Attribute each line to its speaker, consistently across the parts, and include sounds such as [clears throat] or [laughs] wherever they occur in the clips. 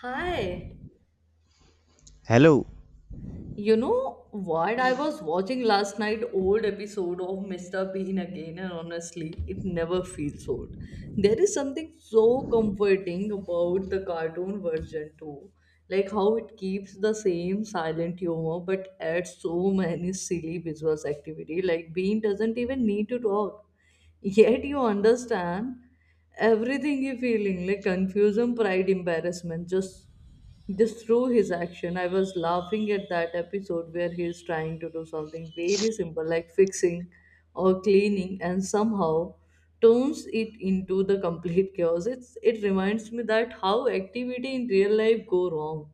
Speaker 1: Hi.
Speaker 2: Hello.
Speaker 1: You know what? I was watching last night old episode of Mr. Bean again, and honestly, it never feels old. There is something so comforting about the cartoon version too. Like how it keeps the same silent humor but adds so many silly visual activity. Like Bean doesn't even need to talk. Yet you understand everything you're feeling, like confusion, pride, embarrassment, just through his action. I was laughing at that episode where he is trying to do something very simple like fixing or cleaning and somehow turns it into the complete chaos. It reminds me that how activity in real life go wrong.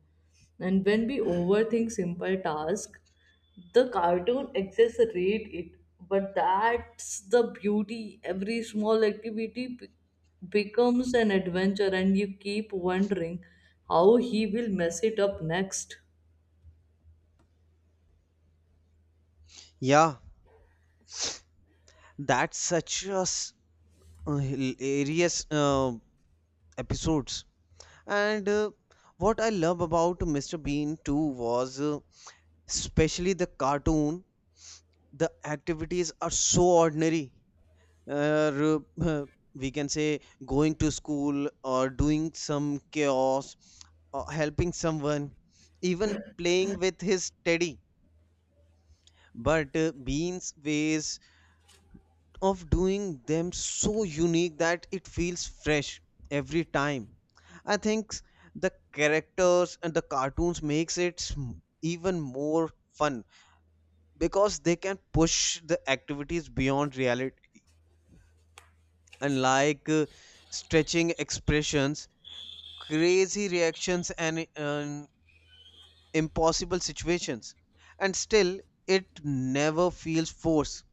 Speaker 1: And when we overthink simple tasks, the cartoon exaggerate it, but that's the beauty. Every small activity becomes an adventure and you keep wondering how he will mess it up next.
Speaker 2: Yeah, that's such a hilarious episodes. And What I love about Mr. Bean too was especially the cartoon. The activities are so ordinary. Uh, r- [laughs] we can say going to school or doing some chaos or helping someone, even playing with his teddy. But Bean's ways of doing them so unique that it feels fresh every time. I think the characters and the cartoons makes it even more fun because they can push the activities beyond reality and like stretching expressions, crazy reactions and impossible situations. And still it never feels forced.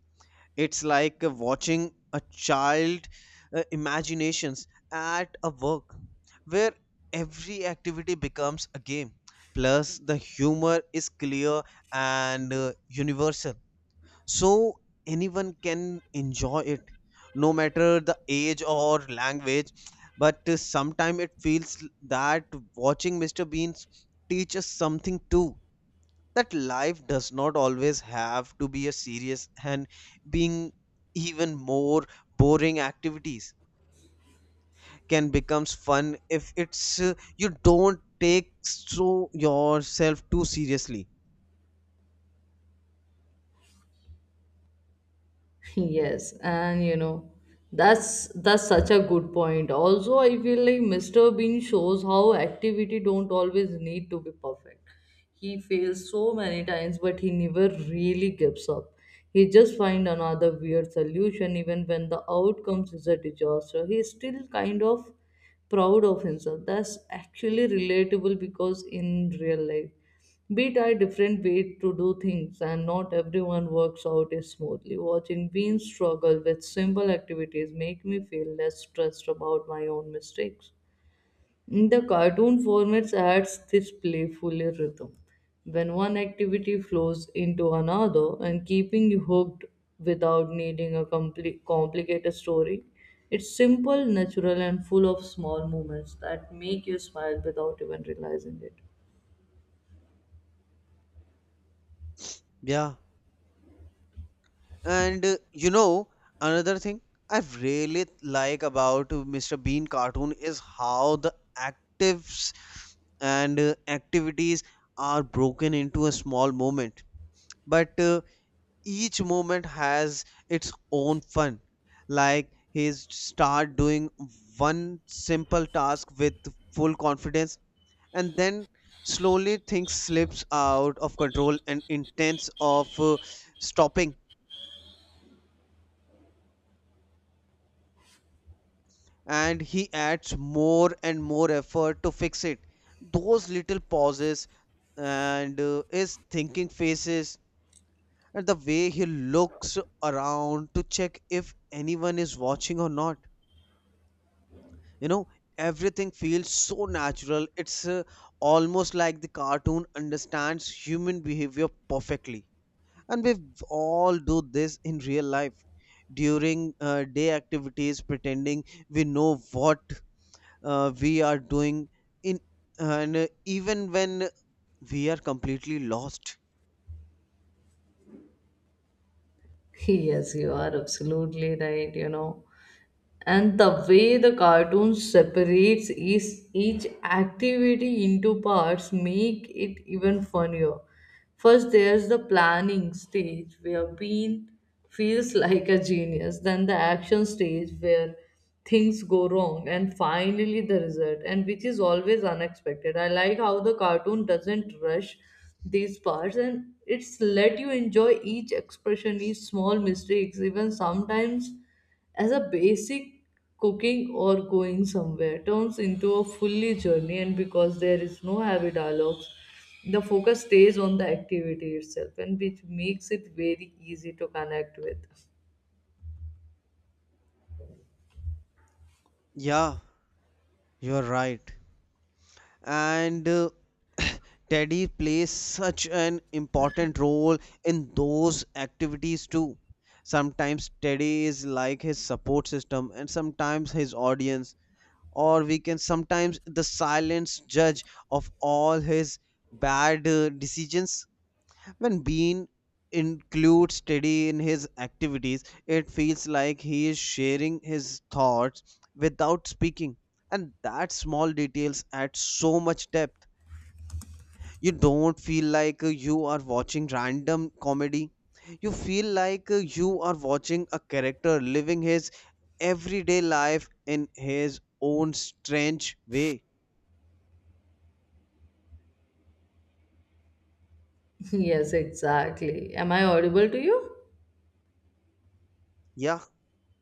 Speaker 2: It's like watching a child imaginations at a work where every activity becomes a game. Plus, the humor is clear and universal. So, anyone can enjoy it, no matter the age or language. But Sometimes it feels that watching Mr. Beans teaches something too, that life does not always have to be a serious and being even more boring activities can becomes fun if it's you don't take so yourself too seriously.
Speaker 1: [laughs] Yes, and you know, that's such a good point. Also, I feel like Mr. Bean shows how activity don't always need to be perfect. He fails so many times, but he never really gives up. He just find another weird solution. Even when the outcomes is a disaster, he still kind of proud of himself. That's actually relatable because in real life, we try different ways to do things, and not everyone works out as smoothly. Watching Bean struggle with simple activities make me feel less stressed about my own mistakes. The cartoon formats adds this playful rhythm when one activity flows into another and keeping you hooked without needing a complicated story. It's simple, natural, and full of small moments that make you smile without even realizing it.
Speaker 2: Yeah, and you know another thing I really like about Mr. Bean cartoon is how the actives and activities are broken into a small moment, but each moment has its own fun. Like he start doing one simple task with full confidence, and then slowly things slips out of control and intents of stopping, and he adds more and more effort to fix it. Those little pauses and his thinking faces and the way he looks around to check if anyone is watching or not, you know, everything feels so natural. It's almost like the cartoon understands human behavior perfectly, and we all do this in real life during day activities, pretending we know what we are doing in, and even when we are completely lost.
Speaker 1: [laughs] Yes, you are absolutely right, you know. And the way the cartoon separates each activity into parts make it even funnier. First there's the planning stage where Bean feels like a genius, then the action stage where things go wrong, and finally the result, and which is always unexpected. I like how the cartoon doesn't rush these parts and it's let you enjoy each expression, each small mistakes. Even sometimes as a basic cooking or going somewhere turns into a fully journey, and because there is no heavy dialogues, the focus stays on the activity itself, and which makes it very easy to connect with.
Speaker 2: Yeah, you're right. and [laughs] [clears throat] Teddy plays such an important role in those activities too. Sometimes Teddy is like his support system, and sometimes his audience, or we can sometimes the silent judge of all his bad decisions. When Bean includes Teddy in his activities, it feels like he is sharing his thoughts without speaking, and that small details add so much depth. You don't feel like you are watching random comedy, you feel like you are watching a character living his everyday life in his own strange way.
Speaker 1: [laughs] Yes, exactly. Am I audible to you?
Speaker 2: yeah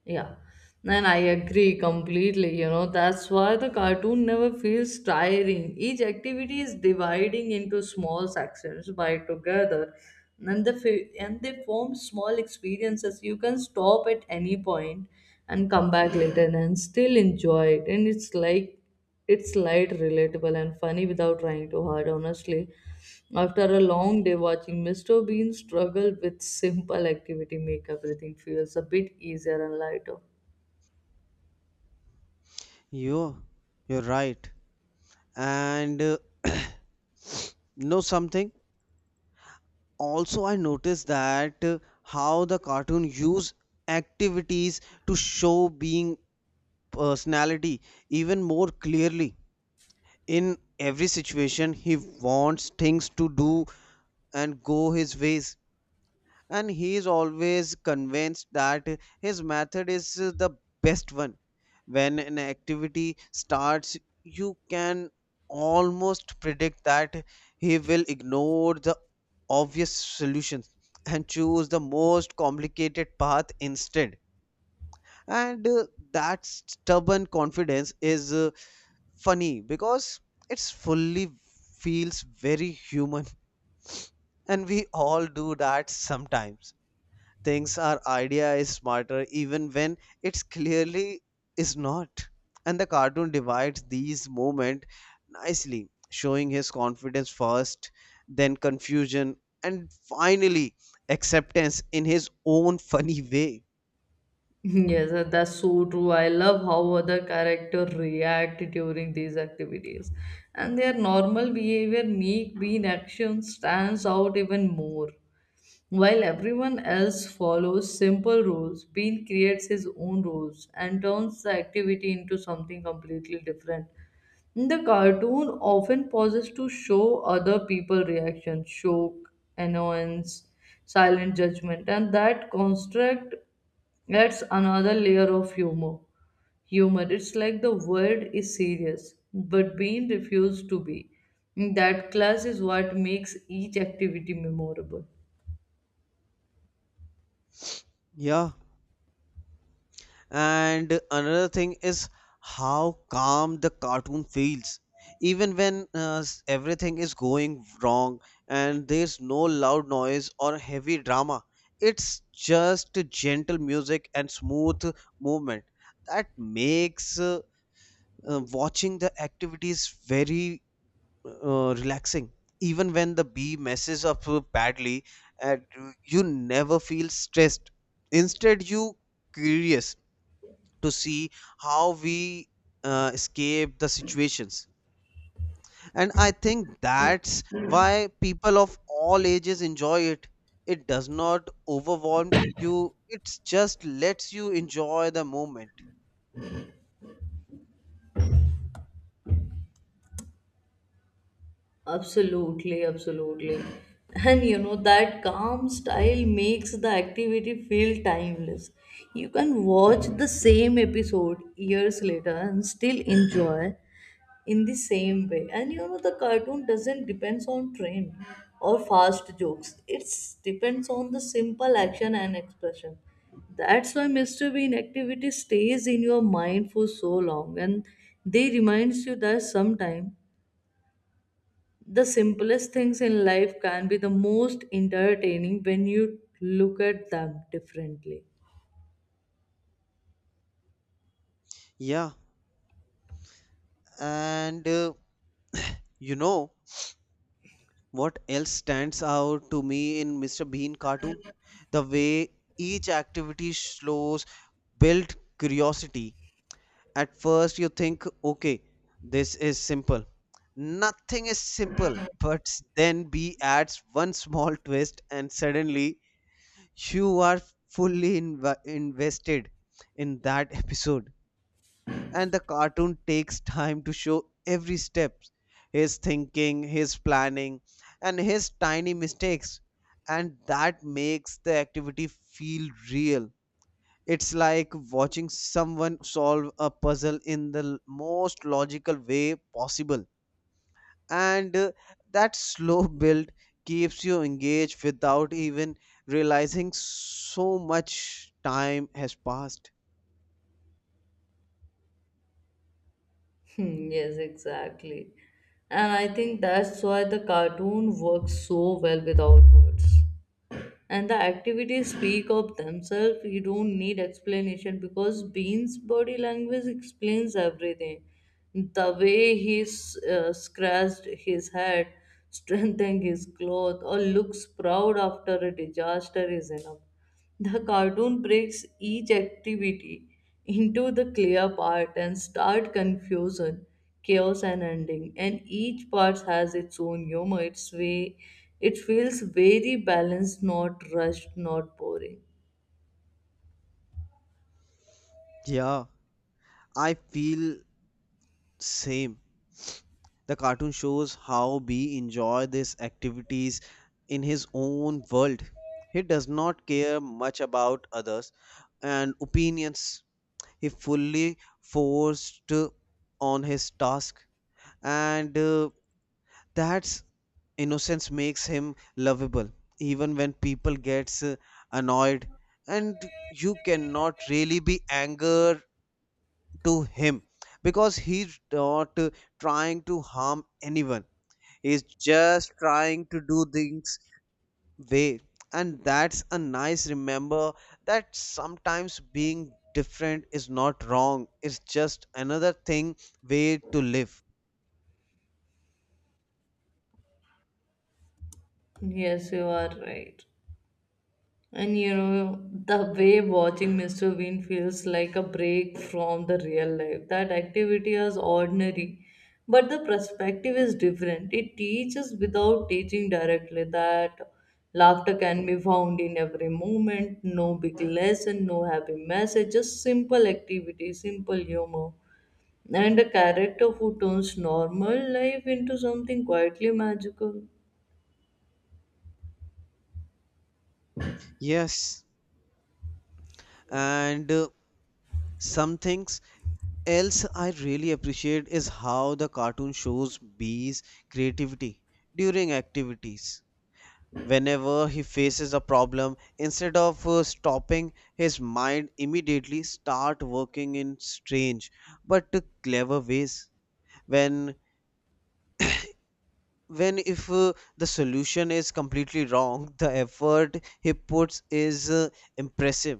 Speaker 1: Yeah, and I agree completely. You know, that's why the cartoon never feels tiring. Each activity is dividing into small sections by together, and they form small experiences. You can stop at any point and come back later and still enjoy it. And it's like it's light, relatable, and funny without trying too hard, honestly. After a long day, watching Mr. Bean struggle with simple activity make everything feels a bit easier and lighter.
Speaker 2: you you're right. and [clears throat] Know something, also I noticed that how the cartoon use activities to show being personality even more clearly. In every situation, he wants things to do and go his ways. And he is always convinced that his method is the best one. When an activity starts, you can almost predict that he will ignore the obvious solutions and choose the most complicated path instead. And That stubborn confidence is funny because it's fully feels very human, and we all do that sometimes, thinks our idea is smarter even when it's clearly is not. And the cartoon divides these moments nicely, showing his confidence first, then confusion, and finally acceptance in his own funny way.
Speaker 1: [laughs] Yes, that's so true. I love how other characters react during these activities. And their normal behavior make Bean action stands out even more. While everyone else follows simple rules, Bean creates his own rules and turns the activity into something completely different. The cartoon often pauses to show other people reactions, shock, annoyance, silent judgment, and that construct adds another layer of humor. Humor, it's like the world is serious, but Bean refused to be. That class is what makes each activity memorable.
Speaker 2: Yeah. And another thing is how calm the cartoon feels, even when everything is going wrong and there's no loud noise or heavy drama. It's just gentle music and smooth movement that makes watching the activities very relaxing. Even when the bee messes up badly, and you never feel stressed. Instead, you curious to see how we escape the situations. And I think that's why people of all ages enjoy it. It does not overwhelm you, it just lets you enjoy the moment.
Speaker 1: Absolutely, absolutely. And you know, that calm style makes the activity feel timeless. You can watch the same episode years later and still enjoy in the same way. And you know, the cartoon doesn't depends on trend or fast jokes. It depends on the simple action and expression. That's why Mr. Bean activity stays in your mind for so long, and they reminds you that sometime the simplest things in life can be the most entertaining when you look at them differently.
Speaker 2: Yeah, and you know what else stands out to me in Mr. Bean cartoon? The way each activity shows built curiosity. At first, you think, okay, this is simple. Nothing is simple, but then B adds one small twist, and suddenly you are fully invested in that [laughs] episode. And the cartoon takes time to show every step, his thinking, his planning, and his tiny mistakes. And that makes the activity feel real. It's like watching someone solve a puzzle in the most logical way possible. And that slow [laughs] build keeps you engaged without even realizing so much time has passed.
Speaker 1: Yes, exactly. And I think that's why the cartoon works so well without words. And the activities speak of themselves. You don't need explanation because Bean's body language explains everything. The way he scratched his head, [laughs] strengthened his cloth, or looks proud after a disaster is enough. The cartoon breaks each activity into the clear part and start confusion, chaos and ending. And each part has its own humor, its way. It feels very balanced, not rushed, not boring.
Speaker 2: Yeah, I feel same. The cartoon shows how B enjoy these activities in his own world. He does not care much about others and opinions. He fully forced on his task, and that's innocence makes him lovable even when people gets annoyed, and you cannot really be anger to him because he's not trying to harm anyone. He's just trying to do things way, and that's a nice remember that sometimes being different is not wrong, it's just another thing way to live.
Speaker 1: Yes, you are right. And you know, the way watching Mr. Bean feels like a break from the real life. That activity is ordinary, but the perspective is different. It teaches without teaching directly that laughter can be found in every moment, no big lesson, no happy message, just simple activity, simple humor. And a character who turns normal life into something quietly magical.
Speaker 2: Yes, and some things else I really appreciate is how the cartoon shows bees creativity during activities. Whenever he faces a problem, instead of stopping, his mind immediately start working in strange but clever ways. When when if the solution is completely wrong, [laughs] the effort he puts is impressive.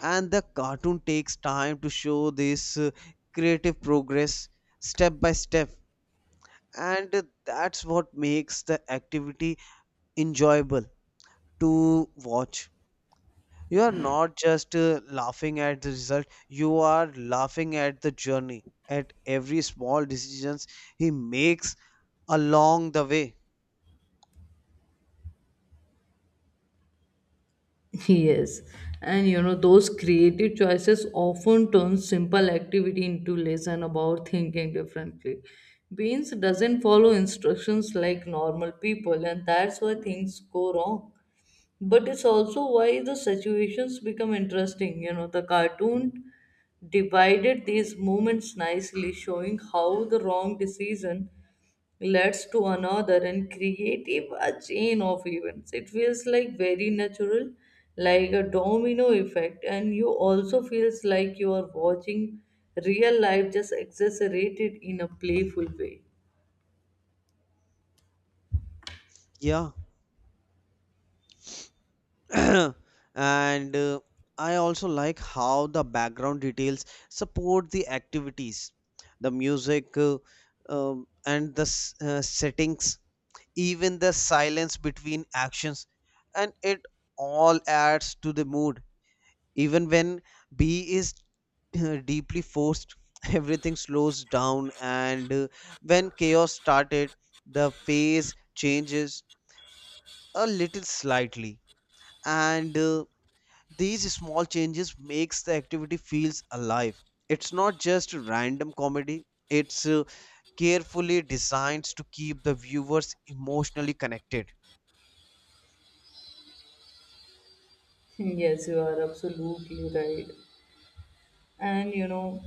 Speaker 2: And the cartoon takes time to show this creative progress step by step, and that's what makes the activity enjoyable to watch. You are not just laughing at the result, you are laughing at the journey, at every small decisions he makes along the way.
Speaker 1: Yes, and you know, those creative choices often turn simple activity into lesson about thinking differently. Beans doesn't follow instructions like normal people, and that's why things go wrong. But it's also why the situations become interesting. You know, the cartoon divided these moments nicely, showing how the wrong decision leads to another and creative a chain of events. It feels like very natural, like a domino effect, and you also feels like you are watching real life just exaggerated in a playful way.
Speaker 2: Yeah. [clears throat] And I also like how the background details support the activities, the music, and the settings, even the silence between actions, and it all adds to the mood. Even when B is deeply forced, [laughs] everything slows down, and when chaos started, the phase changes a little slightly, and these small changes makes the activity feels alive. It's not just random comedy, it's carefully designed to keep the viewers emotionally connected.
Speaker 1: Yes, you are absolutely right. And you know,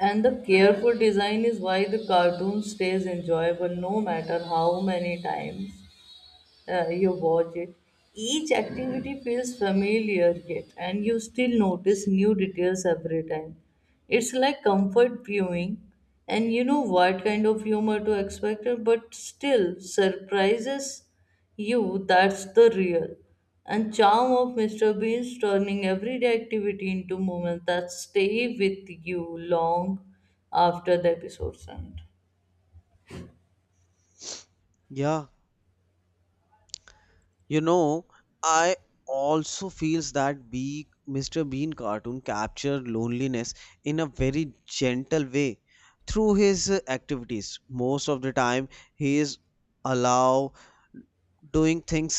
Speaker 1: and the careful design is why the cartoon stays enjoyable no matter how many times you watch it. Each activity feels familiar yet, and you still notice new details every time. It's like comfort viewing, and you know what kind of humor to expect, but still surprises you. That's the real and charm of Mr. Bean's turning everyday activity into moments that stay with you long after the episode's end.
Speaker 2: Yeah, you know, I also feels that be Mr. Bean cartoon captured loneliness in a very gentle way through his activities. Most of the time, he is alone doing things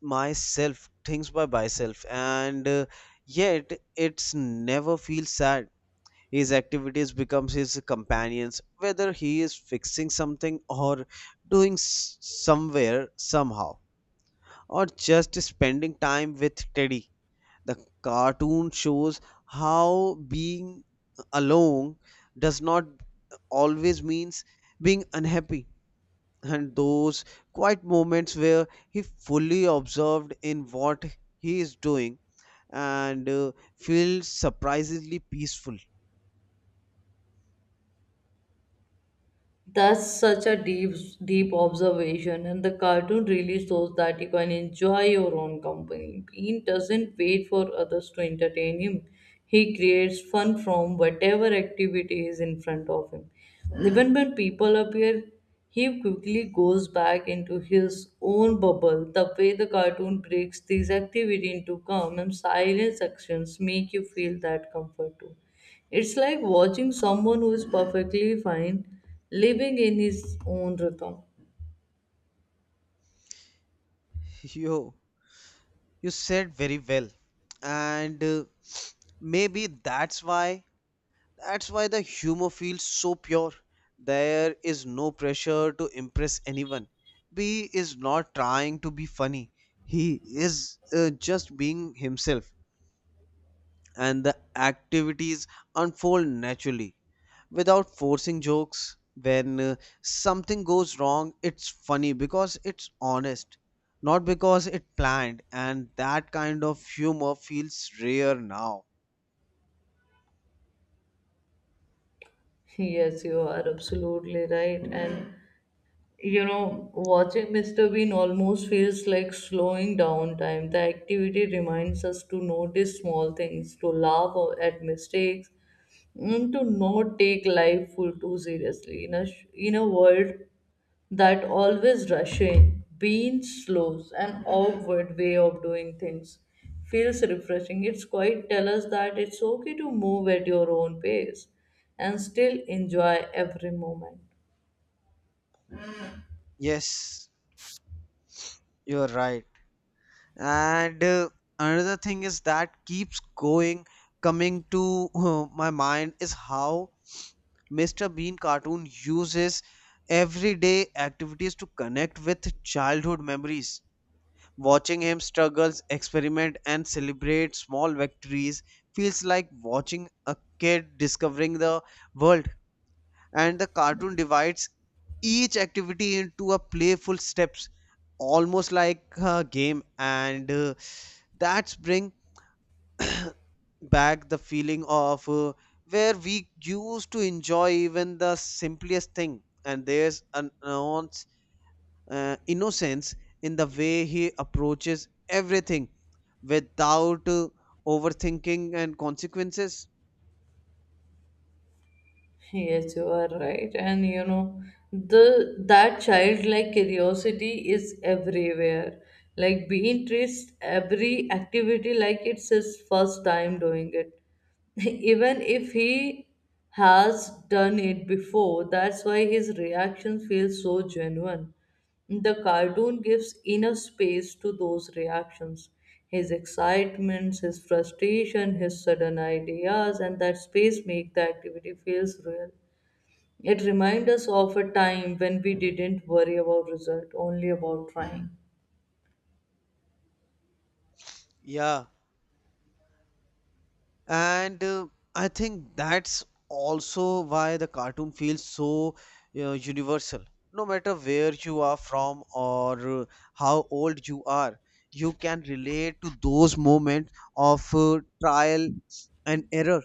Speaker 2: myself, things by myself, and yet it's never feels sad. His activities becomes his companions, whether he is fixing something or doing somewhere somehow, or just spending time with teddy. The cartoon shows how being alone does not always means being unhappy, and those quiet moments where he fully observed in what he is doing, and feels surprisingly peaceful.
Speaker 1: That's such a deep observation, and the cartoon really shows that you can enjoy your own company. Bean doesn't wait for others to entertain him. He creates fun from whatever activity is in front of him. Even when people appear, he quickly goes back into his own bubble. The way the cartoon breaks this activity into calm and silent sections make you feel that comfort too. It's like watching someone who is perfectly fine living in his own rhythm.
Speaker 2: [laughs] you you said very well, and maybe that's why the humor feels so pure. There is no pressure to impress anyone. B is not trying to be funny, he is just being himself, and the activities unfold naturally without forcing jokes. When something goes wrong, it's funny because it's honest, not because it planned, and that kind of humor feels rare now.
Speaker 1: Yes, you are absolutely right. And you know, watching Mr. Bean almost feels like slowing down time. The activity reminds us to notice small things, to laugh at mistakes, and to not take life full too seriously. In a world that always rushing, being slow, an awkward way of doing things feels refreshing. It's quite tell us that it's okay to move at your own pace and still enjoy every moment.
Speaker 2: Yes, you're right. And another thing is that keeps going, coming to my mind is how Mr. Bean cartoon uses everyday activities to connect with childhood memories. Watching him struggles, experiment, and celebrate small victories feels like watching a kid discovering the world. And the cartoon divides each activity into a playful steps, almost like a game, and that's bring back the feeling of where we used to enjoy even the simplest thing, and there's an ounce, innocence in the way he approaches everything without overthinking and consequences.
Speaker 1: Yes, you are right. And you know, the that childlike curiosity is everywhere. Like being treats every activity like it's his first time doing it. [laughs] Even if he has done it before, that's why his reaction feels so genuine. The cartoon gives inner space to those reactions. His excitements, his frustration, his sudden ideas, and that space makes the activity feels real. It reminds us of a time when we didn't worry about result, only about trying.
Speaker 2: Yeah, and I think that's also why the cartoon feels so universal. No matter where you are from or how old you are, you can relate to those moments of trial and error.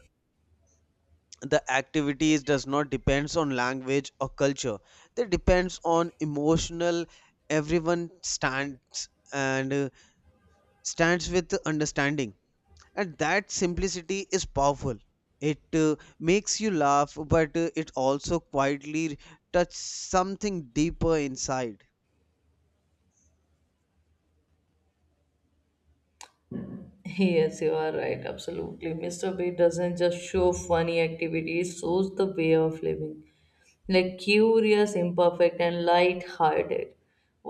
Speaker 2: The activities does not depends on language or culture, they depends on emotional everyone stands, and stands with understanding, and that simplicity is powerful. It makes you laugh, but it also quietly touches something deeper inside.
Speaker 1: Yes, you are right, absolutely. Mr. B doesn't just show funny activities, shows the way of living. Like curious, imperfect, and light-hearted.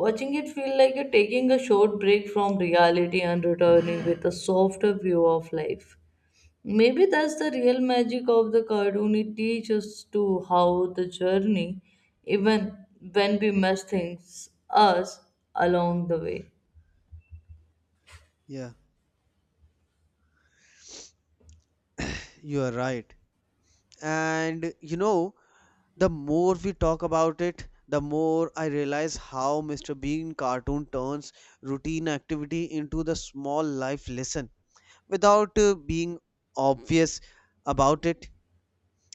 Speaker 1: Watching it feel like you're taking a short break from reality and returning with a softer view of life. Maybe that's the real magic of the cartoon. It teaches to how the journey, even when we mess things us along the way.
Speaker 2: Yeah, you are right. And you know, the more we talk about it, the more I realize how Mr. Bean cartoon turns routine activity into the small life lesson without being obvious about it.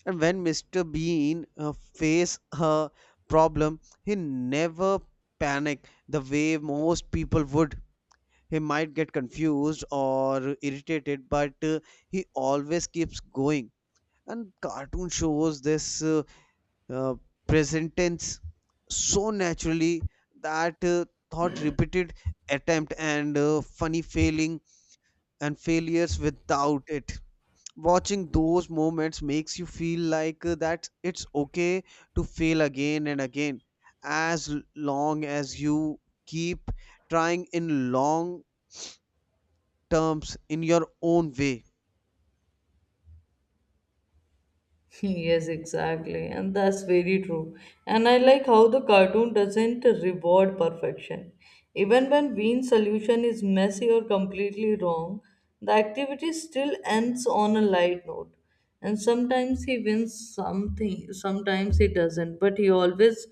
Speaker 2: And when Mr. Bean faced her problem, he never panicked the way most people would. He might get confused or irritated, but he always keeps going. And cartoon shows this uh, present tense so naturally that thought repeated attempt and funny failing and failures without it watching those moments makes you feel that it's okay to fail again and again as long as you keep trying in long terms in your own way.
Speaker 1: [laughs] Yes, exactly. And that's very true. And I like how the cartoon doesn't reward perfection. Even when Bean's solution is messy or completely wrong, the activity still ends on a light note. And sometimes he wins something, sometimes he doesn't, but he always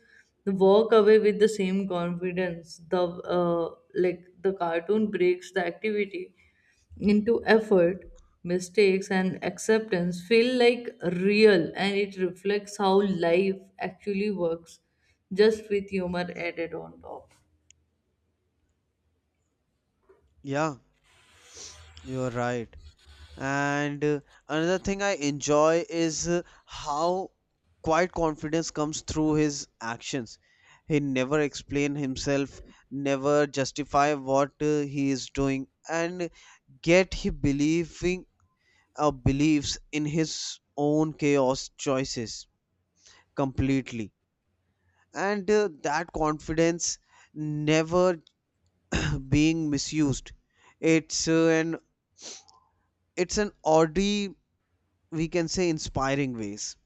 Speaker 1: walk away with the same confidence. The like the cartoon breaks the activity into effort, mistakes, and acceptance feel like real, and it reflects how life actually works, just with humor added on top.
Speaker 2: Yeah, you're right. And another thing I enjoy is how quiet confidence comes through his actions. He never explain himself, never justify what he is doing and get he believing believes in his own chaos choices completely. And that confidence never [clears throat] being misused. It's uh, an it's an oddly, we can say, inspiring ways.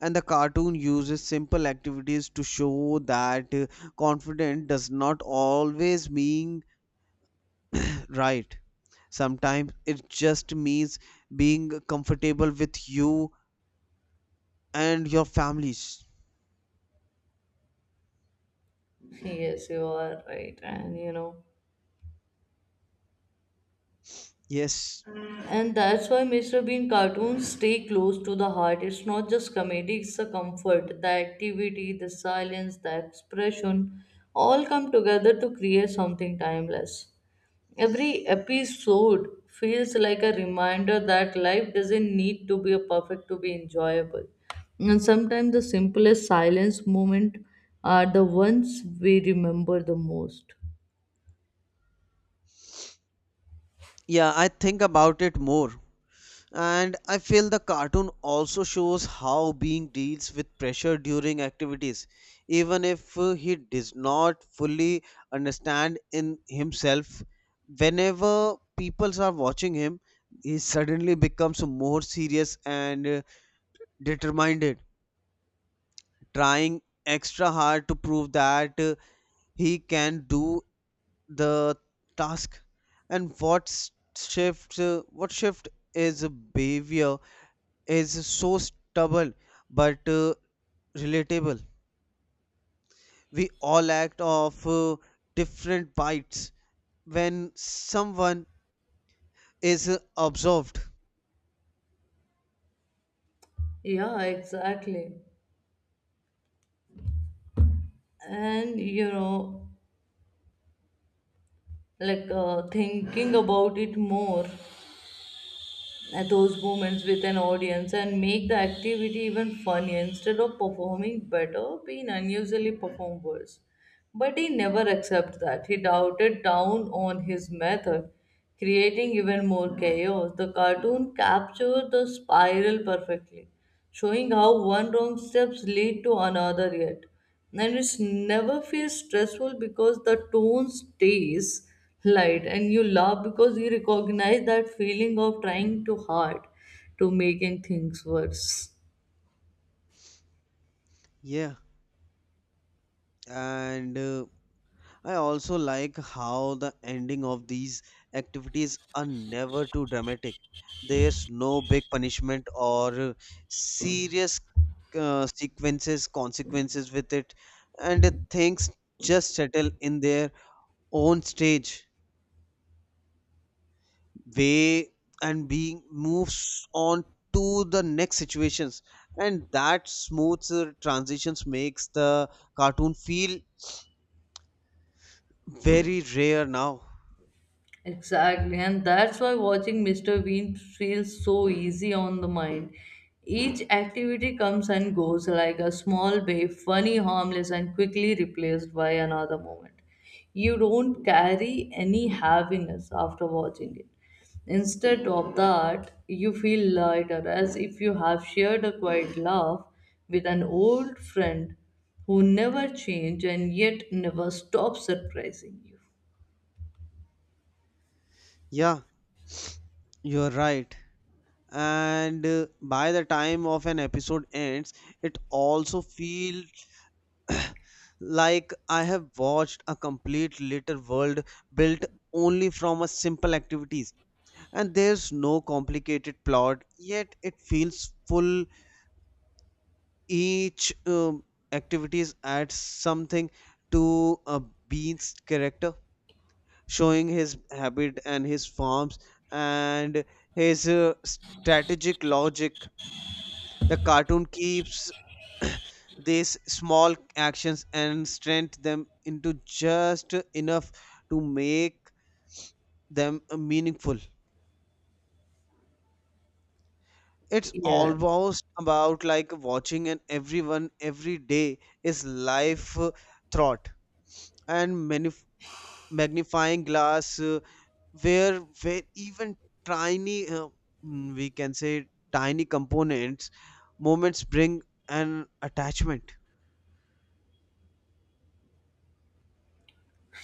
Speaker 2: And the cartoon uses simple activities to show that confident does not always mean right. Sometimes it just means being comfortable with you and your families.
Speaker 1: Yes, you are right. And you know,
Speaker 2: Yes.
Speaker 1: And that's why Mr. Bean cartoons stay close to the heart. It's not just comedy, it's the comfort, the activity, the silence, the expression all come together to create something timeless. Every episode feels like a reminder that life doesn't need to be perfect to be enjoyable. And sometimes the simplest silence moment are the ones we remember the most.
Speaker 2: Yeah, I think about it more. And I feel the cartoon also shows how Being deals with pressure during activities, even if he does not fully understand in himself. Whenever people are watching him, he suddenly becomes more serious and determined, trying extra hard to prove that he can do the task. And what shift is a behavior is so stubborn but relatable. We all act of different bites when someone is observed.
Speaker 1: Yeah, exactly. And you know, thinking about it more, at those moments with an audience and make the activity even funnier. Instead of performing better, being unusually perform worse, but he never accepted that. He doubted down on his method, creating even more chaos. The cartoon captured the spiral perfectly, showing how one wrong steps lead to another yet. And it never feels stressful because the tone stays light, and you laugh because you recognize that feeling of trying too hard to making things worse.
Speaker 2: Yeah, and I also like how the ending of these activities are never too dramatic. There's no big punishment or serious consequences with it, and things just settle in their own stage way, and being moves on to the next situations. And that smooth transitions makes the cartoon feel very rare now.
Speaker 1: Exactly, and that's why watching Mr. Bean feels so easy on the mind. Each activity comes and goes like a small wave, funny, harmless, and quickly replaced by another moment. You don't carry any heaviness after watching it. Instead of that, you feel lighter, as if you have shared a quiet laugh with an old friend who never changed and yet never stops surprising you.
Speaker 2: Yeah, you're right. And by the time of an episode ends, it also feels [clears throat] like I have watched a complete little world built only from a simple activities, and there's no complicated plot yet it feels full. Each activities adds something to a bean's character, showing his habit and his farms and his strategic logic. The cartoon keeps [clears throat] these small actions and strengthen them into just enough to make them meaningful. It's
Speaker 1: Yeah,
Speaker 2: almost about like watching and everyone every day is life thought and magnifying glass where where even tiny we can say tiny components moments bring an attachment.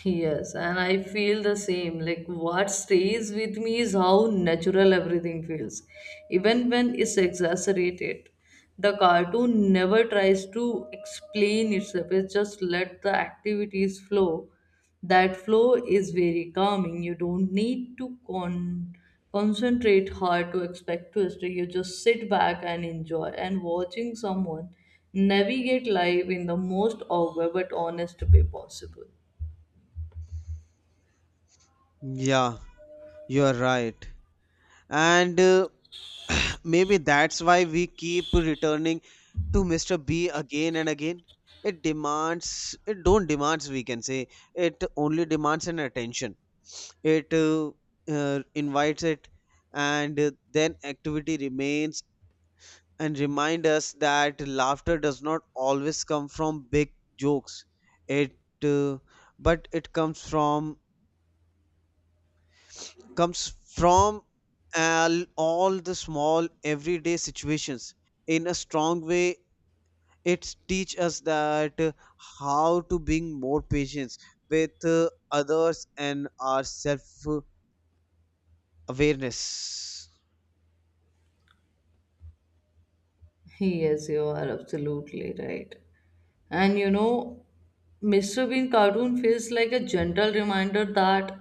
Speaker 1: yes, and I feel the same. Like, what stays with me is how natural everything feels, even when it's exaggerated. The cartoon never tries to explain itself, it just let the activities flow. That flow is very calming. You don't need to concentrate hard to expect twist. You just sit back and enjoy. And watching someone navigate life in the most awkward but honest way possible.
Speaker 2: Yeah, you are right. And [sighs] maybe that's why we keep returning to Mr. B again and again. It demands, it don't demands, we can say. It only demands an attention. It invites it, and then activity remains and remind us that laughter does not always come from big jokes. It, uh, but it comes from all the small everyday situations in a strong way. It teach us that how to bring more patience with others and our self awareness.
Speaker 1: Yes, you are absolutely right. And you know, Mr. Bean cartoon feels like a gentle reminder that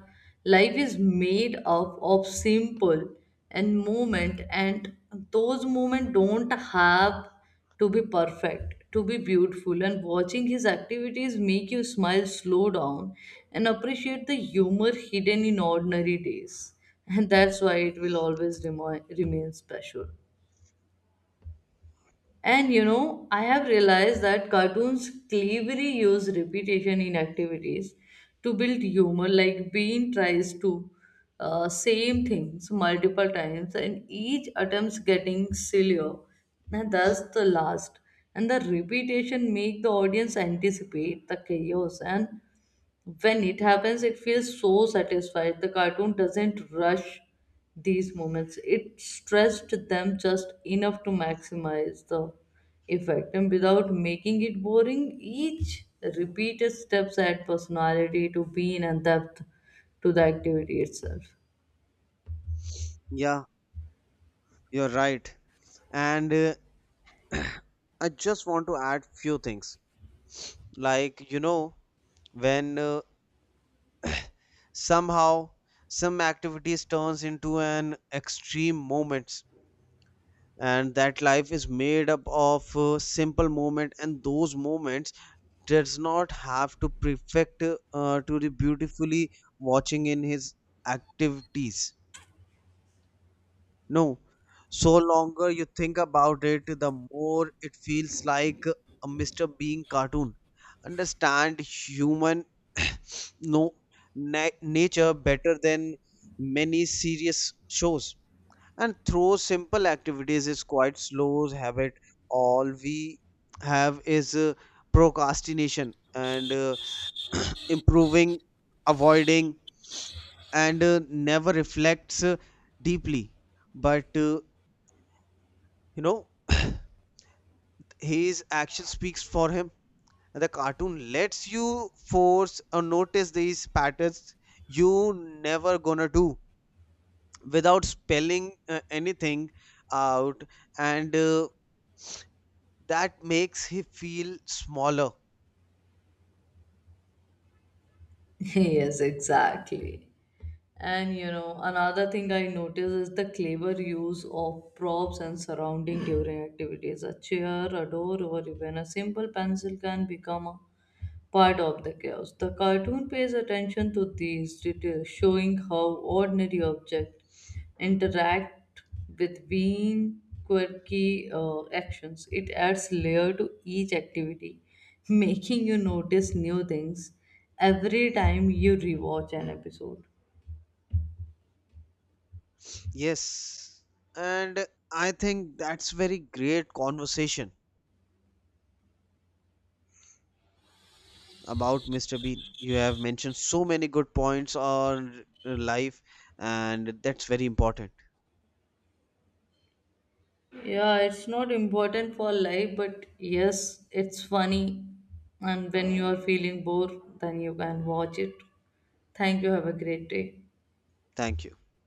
Speaker 1: life is made up of simple and moment, and those moments don't have to be perfect to be beautiful. And watching his activities make you smile, slow down, and appreciate the humor hidden in ordinary days. And that's why it will always remain special. And you know, I have realized that cartoons cleverly use repetition in activities to build humor. Like Bean tries to same things multiple times, and each attempt's getting sillier, and that's the last. And the repetition make the audience anticipate the chaos, and when it happens, it feels so satisfied. The cartoon doesn't rush these moments, it stressed them just enough to maximize the effect and without making it boring. Each repeated steps add personality to being and depth to the activity itself.
Speaker 2: Yeah, you're right. And I just want to add few things, like you know, when somehow some activities turns into an extreme moments, and that life is made up of simple moment and those moments does not have to perfect to the beautifully watching in his activities. No, so longer you think about it, the more it feels like a mr bean cartoon understand human. No, nature better than many serious shows. And through simple activities is quite slow habit, all we have is procrastination and [clears throat] improving, avoiding, and never reflects deeply. But you know, [coughs] [clears throat] his action speaks for him. The cartoon lets you force or notice these patterns you never gonna do without spelling anything out, and that makes him feel smaller.
Speaker 1: [laughs] Yes, exactly. And you know, another thing I notice is the clever use of props and surrounding during activities. A chair, a door, or even a simple pencil can become a part of the chaos. The cartoon pays attention to these details, showing how ordinary objects interact with being quirky actions. It adds layer to each activity, [laughs] making you notice new things every time you rewatch an episode.
Speaker 2: Yes, and I think that's very great conversation about Mr. Bean. You have mentioned so many good points on life, and that's very important.
Speaker 1: Yeah, it's not important for life, but yes, it's funny. And when you are feeling bored, then you can watch it. Thank you. Have a great day.
Speaker 2: Thank you.